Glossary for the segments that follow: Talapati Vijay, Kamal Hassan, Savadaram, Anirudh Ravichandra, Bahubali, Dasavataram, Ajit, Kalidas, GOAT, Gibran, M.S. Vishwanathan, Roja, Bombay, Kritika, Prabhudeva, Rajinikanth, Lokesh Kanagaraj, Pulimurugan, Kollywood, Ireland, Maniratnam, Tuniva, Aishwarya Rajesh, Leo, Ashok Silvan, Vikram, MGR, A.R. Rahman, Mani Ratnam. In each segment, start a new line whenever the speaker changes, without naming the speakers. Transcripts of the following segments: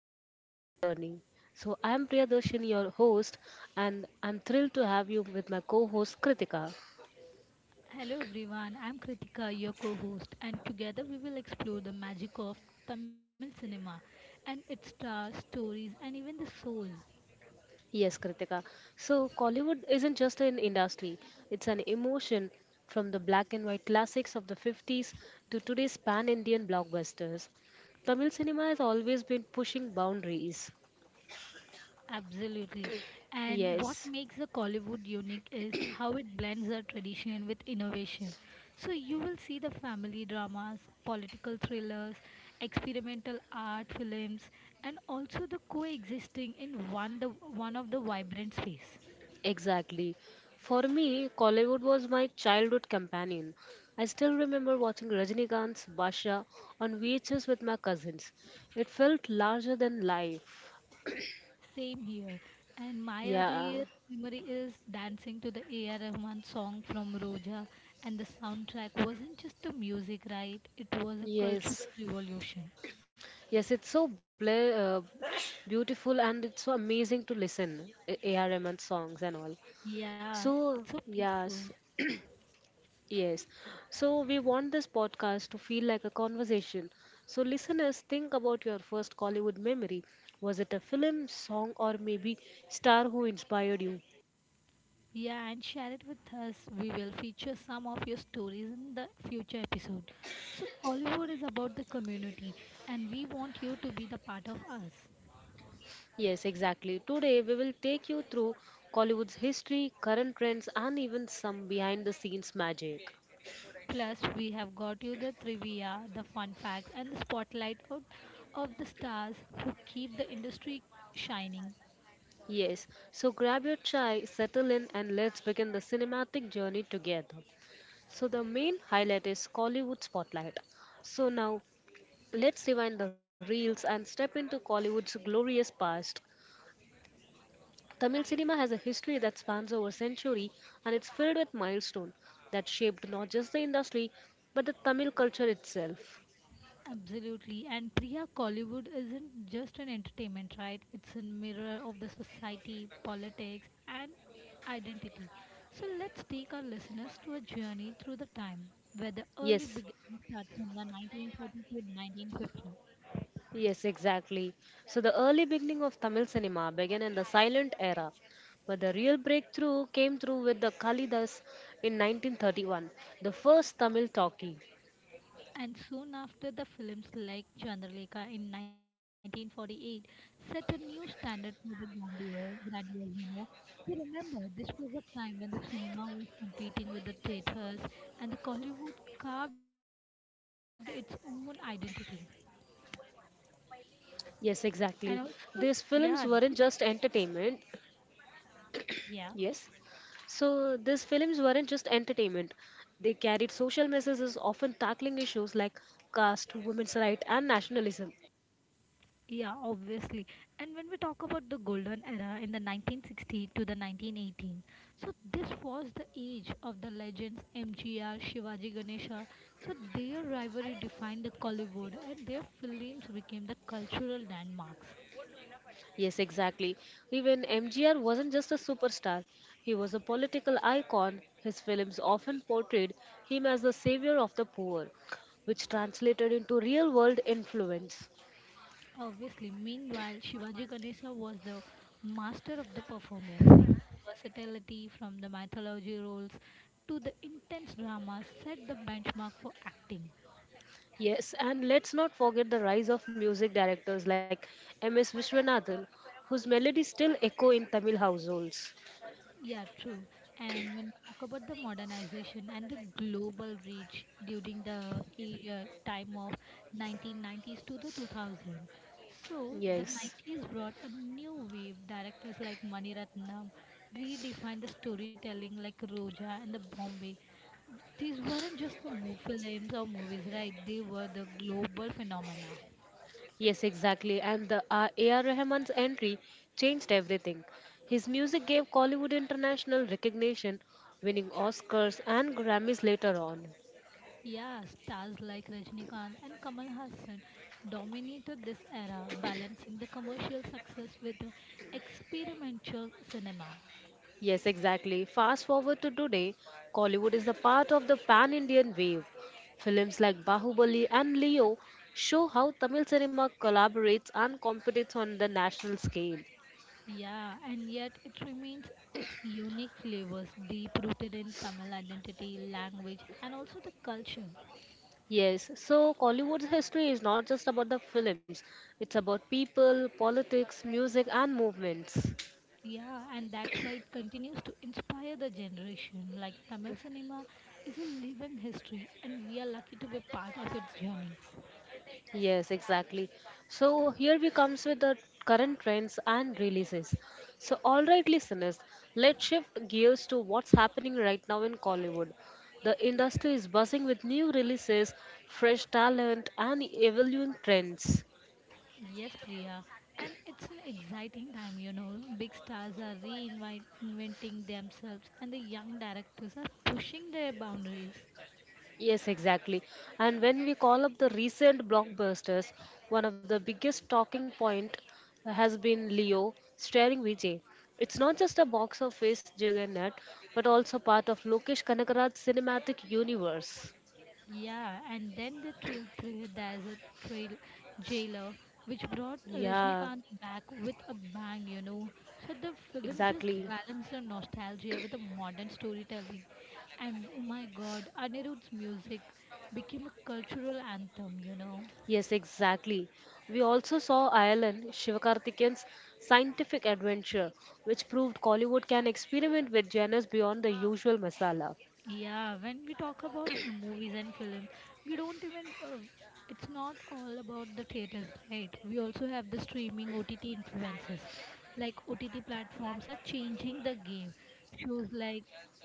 to our Kollywood journey. So I am Priyadarshini, your host, and I'm thrilled to have you with my co-host Kritika.
Hello everyone, I'm Kritika, your co host, and together we will explore the magic of Tamil cinema and its stars, stories, and even the soul.
Yes, Kritika. So Kollywood isn't just an industry; it's an emotion from the black and white classics of the 50s to today's pan-Indian blockbusters. Tamil cinema has always been pushing boundaries.
Absolutely. And what
Yes.
makes the Kollywood unique is how it blends the tradition with innovation. So you will see the family dramas, political thrillers, experimental art films, and also the coexisting in one, one of the vibrant space.
Exactly. For me, Kollywood was my childhood companion. I still remember watching Rajinikanth's Basha on VHS with my cousins. It felt larger than life.
Same here. And my
Yeah.
earliest memory is dancing to the A.R. Rahman song from Roja, and the soundtrack wasn't just the music, right It was a
Yes.
cultural revolution.
Yes, it's so beautiful and it's so amazing to listen AR Rahman's songs and all.
Yeah, it's
So,
so peaceful.
yes. Yes. So we want this podcast to feel like a conversation. So listeners, think about your first Collywood memory. Was it a film, song, or maybe star who inspired you?
Yeah, and share it with us. We will feature some of your stories in the future episode. So, Hollywood is about the community, and we want you to be the part of us.
Yes, exactly. Today we will take you through Collywood's history, current trends, and even some behind the scenes magic.
Plus, we have got you the trivia, the fun facts, and the spotlight out of the stars who keep the industry shining.
Yes, so grab your chai, settle in, and let's begin the cinematic journey together. So, the main highlight is Collywood Spotlight. So, now let's rewind the reels and step into Collywood's glorious past. Tamil cinema has a history that spans over century, and it's filled with milestones that shaped not just the industry but the Tamil culture itself.
Absolutely. And Priya, Collywood isn't just an entertainment, right? It's a mirror of the society, politics, and identity. So, let's take our listeners to a journey through the time where the early
Yes,
beginnings start from the 1930 to 1950.
yes, exactly. So the early beginning of Tamil cinema began in the silent era, but the real breakthrough came through with the Kalidas in 1931, the first Tamil talkie.
And soon after, the films like Chandralekha in 1948 set a new standard for the grandeur. We remember this was a time when the cinema was competing with the theatres and the Hollywood carved its own identity.
Yes, exactly. These
And
films
also,
weren't just
yeah, these,
entertainment. Yes.
yeah.
So these films weren't just entertainment. They carried social messages, often tackling issues like caste, women's rights, and nationalism.
Yeah, obviously. And when we talk about the golden era in the 1960 to the 1918, so this was the age of the legends MGR, Shivaji Ganesha. So their rivalry defined the Kollywood and their films became the cultural landmarks.
Yes, exactly. Even MGR wasn't just a superstar, he was a political icon. His films often portrayed him as the savior of the poor, which translated into real world influence.
Obviously, meanwhile, Shivaji Ganesha was the master of the performance. His versatility from the mythology roles to the intense drama set the benchmark for acting.
Yes, and let's not forget the rise of music directors like M.S. Vishwanathan, whose melodies still echo in Tamil households.
Yeah, true. And when we talk about the modernization and the global reach during the era time of 1990s to the 2000, so the
Yes,
90s brought a new wave. Directors like Mani Ratnam redefined the storytelling like Roja and the Bombay. These weren't just the films or movies, right They were the global phenomena.
yes, exactly. And the A.R. Rahman's entry changed everything. His music gave Collywood international recognition, winning Oscars and Grammys later on.
Yeah, stars like Rajnikant and Kamal Hassan dominated this era, balancing the commercial success with the experimental cinema.
Yes, exactly. Fast forward to today, Collywood is a part of the pan Indian wave. Films like Bahubali and Leo show how Tamil cinema collaborates and competes on the national scale.
Yeah, and yet it remains its unique flavors, deep rooted in Tamil identity, language, and also the culture.
Yes, so Collywood's history is not just about the films, it's about people, politics, music, and movements.
Yeah, and that's why it continues to inspire the generation. Like Tamil cinema is a living history, and we are lucky to be part of its journey.
Yes, exactly. So here we comes with the current trends and releases. So all right listeners, let's shift gears to what's happening right now in Collywood. The industry is buzzing with new releases, fresh talent and evolving trends.
Yes, Priya, and it's an exciting time. Big stars are reinventing themselves, and the young directors are pushing their boundaries.
Yes, exactly. And when we call up the recent blockbusters, one of the biggest talking point has been Leo starring Vijay. It's not just a box office juggernaut, but also part of Lokesh Kanakaraj's cinematic universe.
Yeah, and then the trail thrill, there's a trail jailer, which brought
Yeah,
Rajnikant back with a bang. So the film just
exactly.
balanced the nostalgia with the modern storytelling, and oh my God, Anirudh's music became a cultural anthem.
Yes, exactly. We also saw Ireland, Shivakarthikeyan's scientific adventure, which proved Collywood can experiment with genres beyond the usual masala.
Yeah, when we talk about movies and films, we don't even. It's not all about the theaters, right? We also have the streaming OTT influences. Like OTT platforms are changing the game. Shows like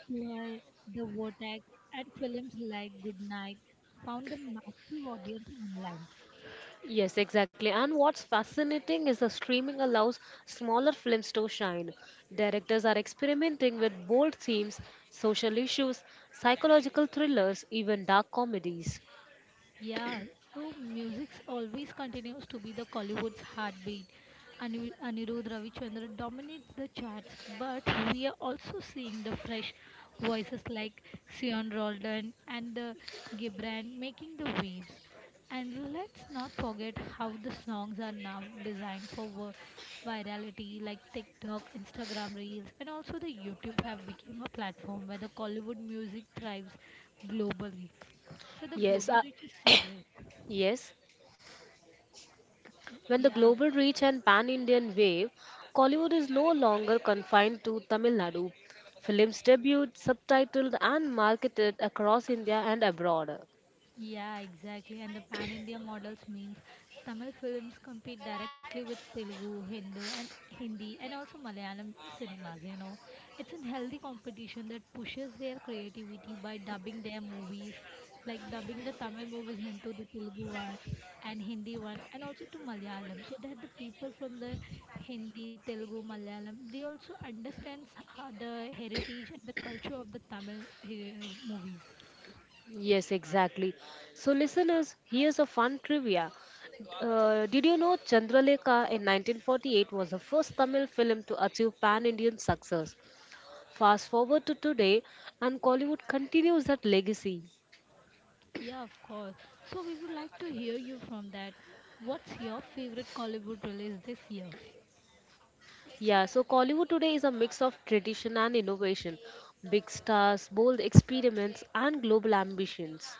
Suhail, The Vortex, and films like Goodnight found a massive audience online.
Yes, exactly. And what's fascinating is the streaming allows smaller films to shine. Directors are experimenting with bold themes, social issues, psychological thrillers, even dark comedies.
Yeah, so music always continues to be the Collywood's heartbeat. Anirudh Ravichandra dominates the charts, but we are also seeing the fresh voices like Sion Roldan and the Gibran making the waves. And let's not forget how the songs are now designed for virality like TikTok, Instagram Reels, and also the YouTube have become a platform where the Collywood music thrives globally. So the
Yes,
global
uh,
reach is so great.
yes. When the
Yeah,
global reach and pan-Indian wave, Kollywood is no longer confined to Tamil Nadu. Films debuted, subtitled, and marketed across India and abroad.
yeah, exactly. And the pan India models means Tamil films compete directly with Telugu, Hindu, and Hindi, and also Malayalam cinemas. You know, it's a healthy competition that pushes their creativity by dubbing their movies, like dubbing the Tamil movies into the Telugu one and Hindi one, and also to Malayalam, so that the people from the Hindi, Telugu, Malayalam, they also understands how the heritage and the culture of the Tamil movies.
Yes, exactly. So, listeners, here's a fun trivia. Did you know Chandralekha in 1948 was the first Tamil film to achieve pan Indian success? Fast forward to today, and Kollywood continues that legacy.
Yeah, of course. So we would like to hear you from that. What's your favorite Hollywood release this year?
Yeah, so Kollywood today is a mix of tradition and innovation, big stars, bold experiments, and global ambitions.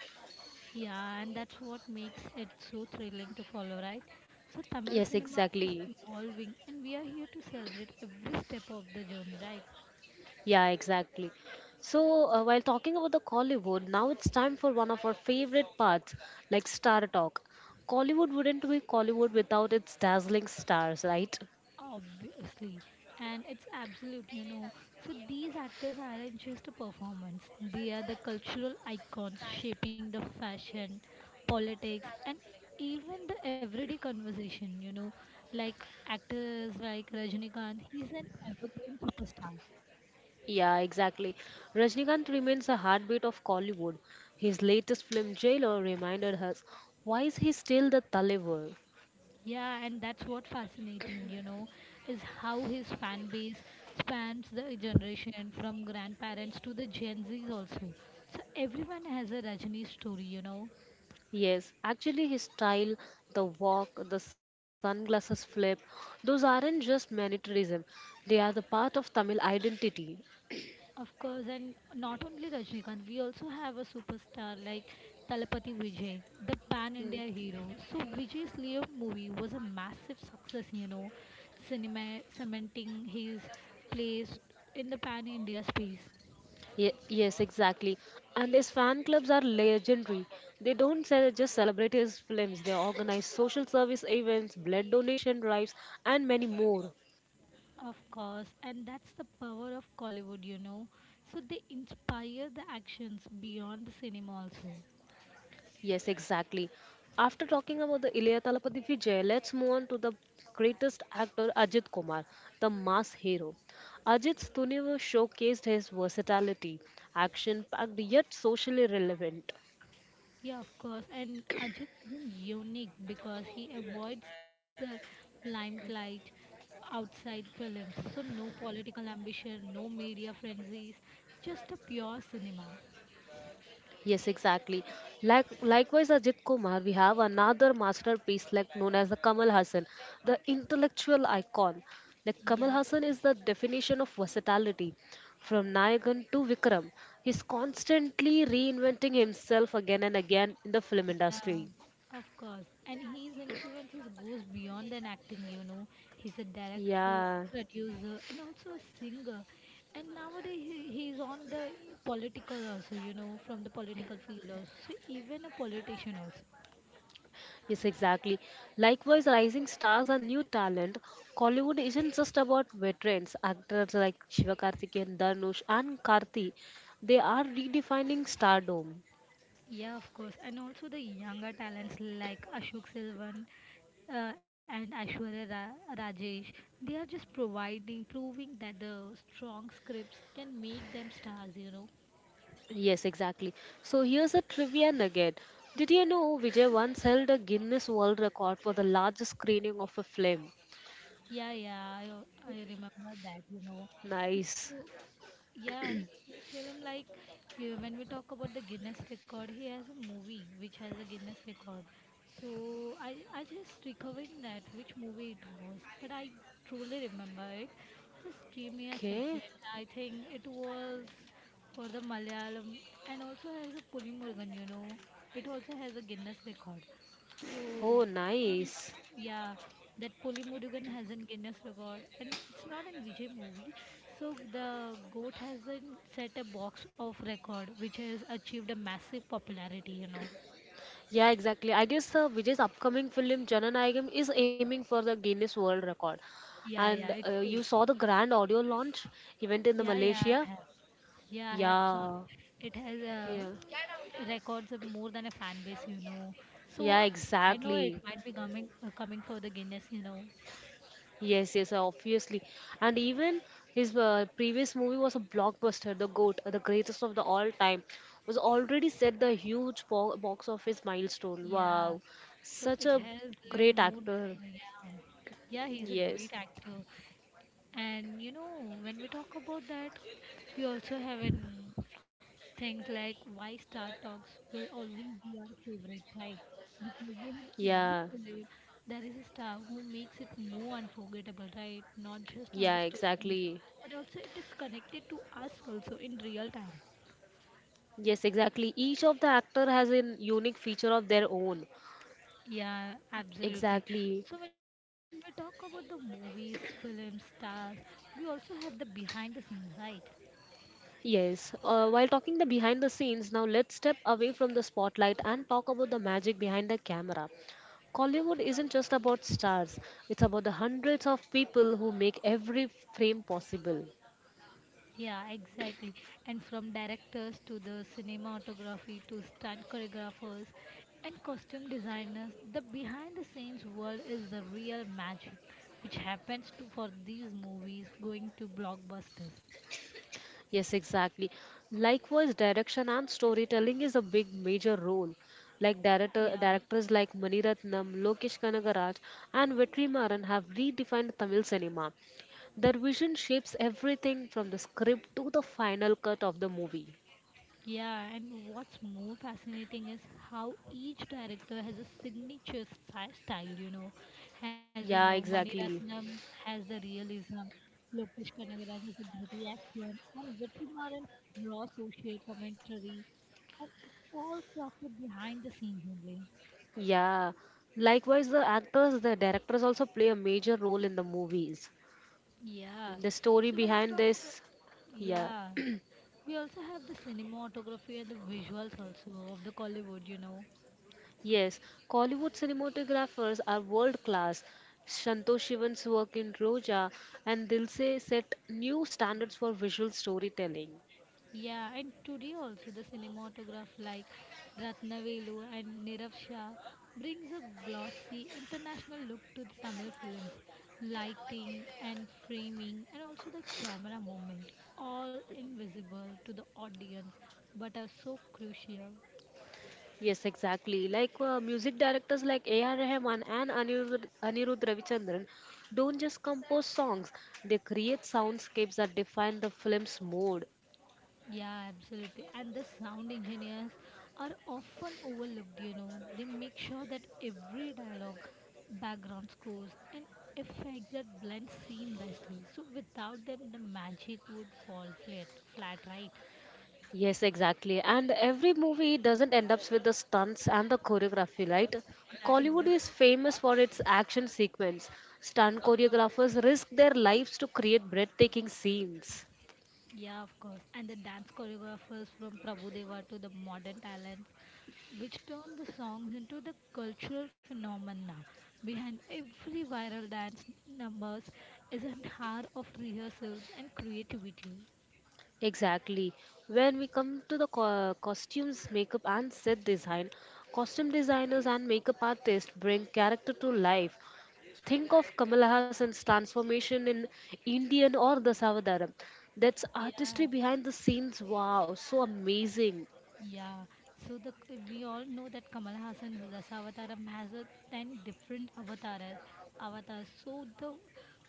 Yeah, and that's what makes it so thrilling to follow, right? So Tamil
Yes,
cinema is
exactly.
evolving and we are here to celebrate every step of the journey, right?
Yeah, exactly. So, while talking about the Kollywood, now it's time for one of our favorite parts, like Star Talk. Kollywood wouldn't be Kollywood without its dazzling stars, right?
Obviously, and it's absolute. So these actors aren't just a performance, they are the cultural icons shaping the fashion, politics, and even the everyday conversation. Like actors like Rajinikanth, he's an evergreen superstar.
Yeah, exactly. Rajnikant remains a heartbeat of Kollywood. His latest film, Jailer, reminded us why is he still the Talever?
Yeah, and that's what fascinating, you know, is how his fan base spans the generation from grandparents to the Gen Zs also. So everyone has a Rajini story.
Yes, actually, his style, the walk, the sunglasses flip, those aren't just militarism. They are the part of Tamil identity.
Of course, and not only Rajnikant, we also have a superstar like Talapati Vijay, the pan India hero. So, Vijay's Leo movie was a massive success, you know, cinema cementing his place in the pan India space.
Yes, exactly. And these fan clubs are legendary. They don't just celebrate his films, they organize social service events, blood donation drives, and many more.
Of course, and that's the power of Collywood, you know. So, they inspire the actions beyond the cinema also.
Yes, exactly. After talking about the Ilya Talapati Vijay, let's move on to the greatest actor Ajit Kumar, the mass hero. Ajit's Tuniva showcased his versatility, action packed yet socially relevant.
Yeah, of course. And Ajit is unique because he avoids the limelight outside films. So no political ambition, no media frenzies, just a pure cinema.
Yes, exactly. Likewise, Ajit Kumar, we have another masterpiece like known as the Kamal Hassan, the intellectual icon. Like Kamal
Yeah,
Hassan is the definition of versatility. From Nayagan to Vikram, he's constantly reinventing himself again and again in the film
yeah,
industry.
of course. And his influences goes beyond an acting, you know. He's a director,
Yeah.
producer, and also a singer. And nowadays he's on the political also, you know, from the political field also. So even a politician also.
Yes, exactly. Likewise, rising stars and new talent. Kollywood isn't just about veterans. Actors like Shiva Karthikeyan, Dhanush, and Karthi, they are redefining stardom.
Yeah, of course. And also the younger talents like Ashok Silvan and Aishwarya Rajesh, they are just providing, proving that the strong scripts can make them stars, you know.
Yes, exactly. So here's a trivia nugget. Did you know Vijay once held a Guinness World Record for the largest screening of a film?
Yeah, yeah, I remember that, you know.
Nice.
So, Yeah, his film like you, when we talk about the Guinness record, he has a movie which has a Guinness record. So I just recovering that which movie it was, but I truly remember it. Just give me a
Okay.
second. I think it was for the Malayalam and also has a Pulimurgan. You know, it also has a Guinness record. So,
Oh, nice.
Pulimurugan, yeah, that Pulimurugan has a Guinness record, and it's not an Vijay movie. So the goat has a, set a box of record, which has achieved a massive popularity. You know.
Yeah, exactly. I guess Vijay's upcoming film Jananayagam is aiming for the Guinness World Record.
Yeah, yeah,
And
it is.
you saw the grand audio launch event in the
Yeah, yeah, I
Malaysia?
have. Yeah, I have seen
Yeah.
it. It has
Yeah.
records of more than a fan base, you know. So
Yeah,
I know it
exactly.
might be coming coming for the Guinness, you know.
Yes, yes, obviously. And even his previous movie was a blockbuster, The GOAT, the greatest of the all time, was already set the huge box office milestone.
Yeah,
Wow.
so
Such
it
a
has led
great
more
actor.
than yeah. Yeah, he's a
Yes.
great actor, and you know when we talk about that, we also have in things like why Star Talks will always be our favorite, right? Because we have
Yeah.
every film there is a star who makes it more unforgettable, right? Not just on the
Yeah,
stories,
exactly.
but also it is connected to us also in real time.
Yes, exactly. Each of the actor has a unique feature of their own.
Yeah, absolutely.
Exactly.
So when we talk about the movies, films, stars, we also have the behind the scenes, right?
Yes. While talking the behind the scenes, now let's step away from the spotlight and talk about the magic behind the camera. Hollywood
Of course.
isn't just about stars; it's about the hundreds of people who make every frame possible.
Yeah, exactly. And from directors to the cinematography to stunt choreographers and costume designers, the behind the scenes world is the real magic which happens to for these movies going to blockbusters.
Yes, exactly. Likewise, direction and storytelling is a big major role. Like
Yeah.
directors like Maniratnam, Lokesh Kanagaraj, and Vetrimaran have redefined Tamil cinema. Their vision shapes everything from the script to the final cut of the movie.
Yeah, and what's more fascinating is how each director has a signature style, you know. As we
Yeah,
know, Mani
exactly.
Ratnam has the realism, Lokesh Kanagaraj has the gritty action, and Vitrimaran's raw social commentary, and it's all crafted behind the scenes only.
Yeah. Likewise, the actors, the directors also play a major role in the movies.
Yeah,
The story
so when we
behind
talk about
this, yeah.
yeah, we also have the cinematography and the visuals also of the Collywood, you know.
Yes, Kollywood cinematographers are world class. Santosh Shivan's work in Roja and Dilse set new standards for visual storytelling.
Yeah, and today also the cinematograph like Ratnavelu and Nirav Shah brings a glossy international look to the Tamil films. Lighting and framing and also the camera movement all invisible to the audience but are so crucial.
Yes, exactly. Like music directors like A.R. Rahman and Anirudh Ravichandran don't just compose songs, they create soundscapes that define the film's mood.
Yeah, absolutely. And the sound engineers are often overlooked, you know. They make sure that every dialogue, background scores, and effects that blend seamlessly. So without them, the magic would fall flat, flat right?
Yes, exactly. And every movie doesn't end up with the stunts and the choreography, right?
Yeah, it
Kollywood
does.
is famous for its action sequence. Stunt choreographers risk their lives to create breathtaking scenes.
Yeah, of course. And the dance choreographers from Prabhudeva to the modern talents, which turned the songs into the cultural phenomena. Behind every viral dance numbers is an hour of rehearsals and creativity.
Exactly. When we come to the costumes, makeup, and set design, costume designers and makeup artists bring character to life. Think of Kamala Hassan's transformation in Indian or the Savadaram. That's artistry
Yeah.
behind the scenes. Wow, so amazing.
Yeah, so the we all know that Kamal Hassan's Dasavataram has a ten different avatars. Avatars, so the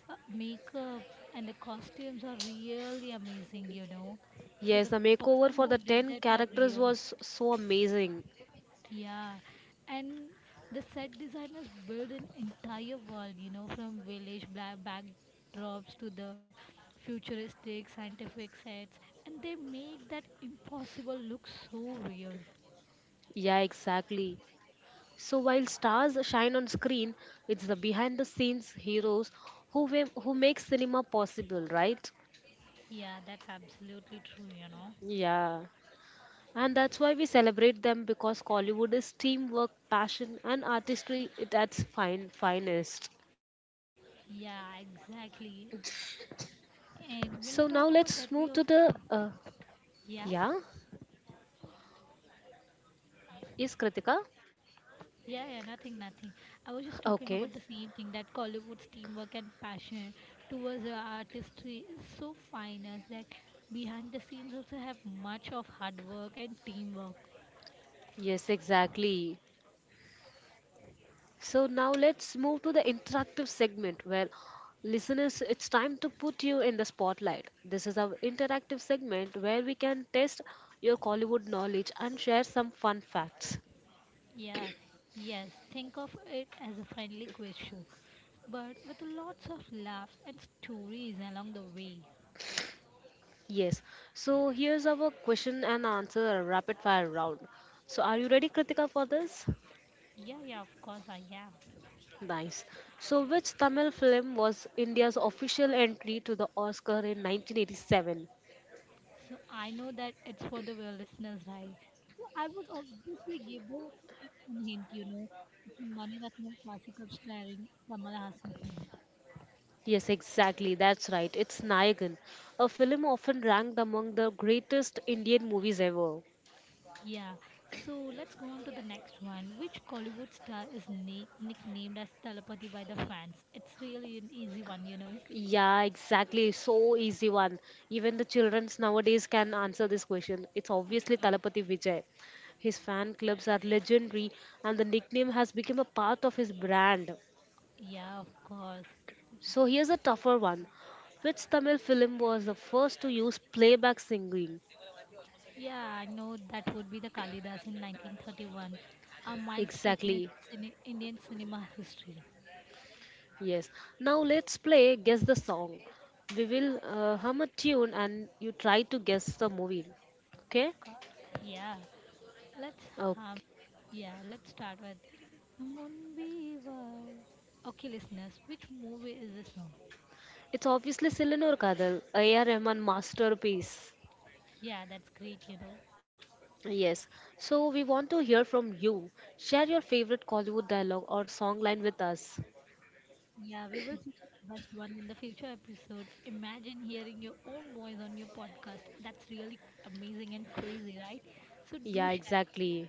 makeup and the costumes are really amazing, you know. So
Yes,
the
the makeover
person
for
who
the
did
10
that are
characters
real.
was so amazing.
Yeah, and the set designers build an entire world, you know, from village black backdrops to the futuristic scientific sets, and they make that impossible look so real.
Yeah, exactly. So while stars shine on screen, it's the behind the scenes heroes who make cinema possible, right?
Yeah, that's absolutely true, you know.
Yeah. And that's why we celebrate them because Collywood is teamwork, passion and artistry at its finest.
Yeah, exactly. And when
So
we
now
talk about
let's
that,
move
we
to
also
the
have. Yeah?
yeah, is Kritika?
Yeah, yeah, nothing. I was just talking about
Okay.
the same thing that Collywood's teamwork and passion towards the artistry is so fine as that behind the scenes also have much of hard work and teamwork.
Yes, exactly. So now let's move to the interactive segment where listeners, it's time to put you in the spotlight. This is our interactive segment where we can test your Collywood knowledge and share some fun facts.
Yeah, yes, think of it as a friendly quiz show, but with lots of laughs and stories along the way.
Yes. So here's our question and answer rapid fire round. So are you ready, Kritika, for this?
Yeah, yeah, of course I am.
Nice. So which Tamil film was India's official entry to the Oscar in 1987?
So I know that it's for the well listeners, right? So I would obviously give them a hint, you know. It's in Mani Ratnam classical starring Kamal Hassan.
Yes, exactly. That's right. It's Nayagan, a film often ranked among the greatest Indian movies ever.
Yeah. So let's go on to the next one. Which Kollywood star is nicknamed as Talapati by the fans? It's really an easy one, you know.
Yeah, exactly. So easy one. Even the childrens nowadays can answer this question. It's
Of
obviously
course.
Talapati Vijay. His fan clubs are legendary, and the nickname has become a part of his brand.
Yeah, of course.
So here's a tougher one. Which Tamil film was the first to use playback singing?
Yeah, I know that would be the Kalidas in 1931, a milestone in
Exactly.
Indian cinema history.
Yes. Now let's play Guess the Song. We will hum a tune and you try to guess the movie. Okay?
Of course. Yeah. Let's um,
Okay.
Yeah, let's start with Munbiwal. Okay, listeners, which movie is this from?
It's obviously Silanur Kadal, A.R. Rahman masterpiece.
Yeah, that's great, you know.
Yes. So we want to hear from you. Share your favorite Kollywood dialogue or song line with us.
Yeah, we will feature the best one in the future episode. Imagine hearing your own voice on your podcast. That's really amazing and crazy, right? So
Yeah,
do share.
exactly.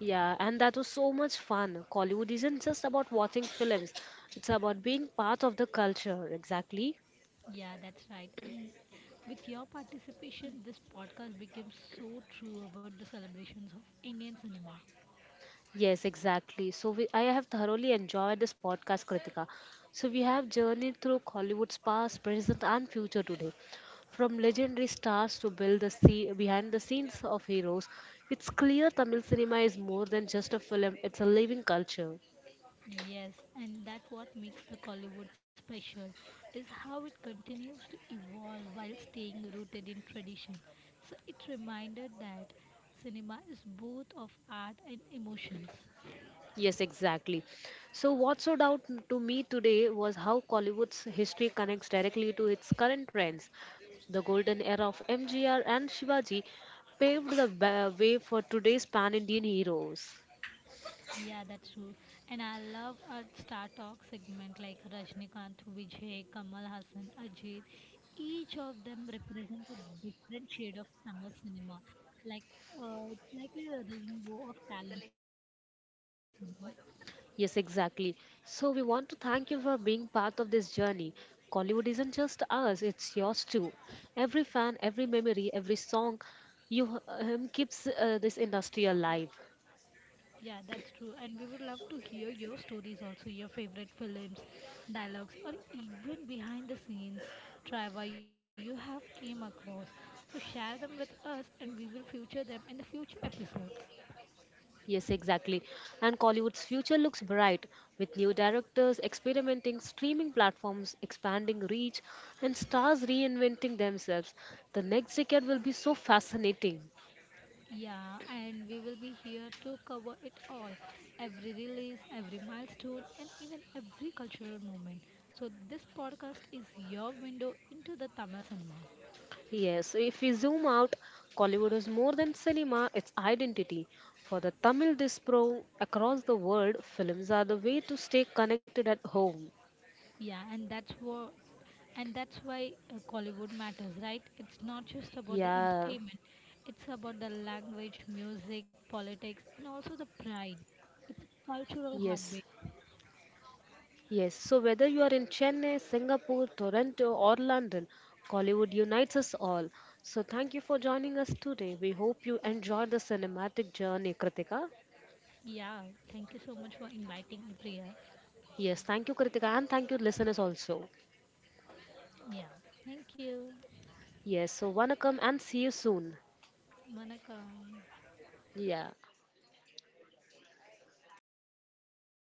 Yeah, and that was so much fun. Kollywood isn't just about watching films, it's about being part of the culture. Exactly.
Yeah, that's right. And with your participation, this podcast became so true about the celebrations of Indian cinema.
Yes, exactly. So I have thoroughly enjoyed this podcast, Kritika. So we have journeyed through Hollywood's past, present, and future today, from legendary stars to build the sea behind the scenes of heroes. It's clear Tamil cinema is more than just a film; it's a living culture.
Yes, and that's what makes the Collywood special is how it continues to evolve while staying rooted in tradition. So it reminded that cinema is both of art and emotions.
Yes, exactly. So, what stood out to me today was how Collywood's history connects directly to its current trends. The golden era of MGR and Shivaji paved the way for today's pan Indian heroes.
Yeah, that's true. And I love our Star Talk segment like Rajnikant, Vijay, Kamal Hassan, Ajit. Each of them represents a different shade of Tamil cinema. Like it's like a rainbow of talent, you know.
Yes, exactly. So, we want to thank you for being part of this journey. Collywood isn't just us, it's yours too. Every fan, every memory, every song you h- keeps this industry alive.
Yeah, that's true. And we would love to hear your stories also, your favorite films, dialogues, or even behind the scenes travel you have came across. So share them with us and we will feature them in the future episodes.
Yes, exactly. And Collywood's future looks bright with new directors experimenting, streaming platforms expanding reach, and stars reinventing themselves. The next decade will be so fascinating.
Yeah, and we will be here to cover it all. Every release, every milestone, and even every cultural moment. So this podcast is your window into the Tamil cinema.
Yes, so if we zoom out, Collywood is more than cinema, it's identity. For the Tamil diaspora across the world, films are the way to stay connected at home.
Yeah, and that's why Collywood matters, right? It's not just about the
Yeah,
entertainment. It's about the language, music, politics, and also the pride. It's a cultural
yes.
heartbeat.
Yes, so whether you are in Chennai, Singapore, Toronto, or London, Collywood unites us all. So thank you for joining us today. We hope you enjoyed the cinematic journey, Kritika.
Yeah, thank you so much for inviting me, Priya.
Yes, thank you, Kritika, and thank you, listeners, also.
Yeah, thank you.
Yes, so want and see you soon.
Vanakkam.
Yeah.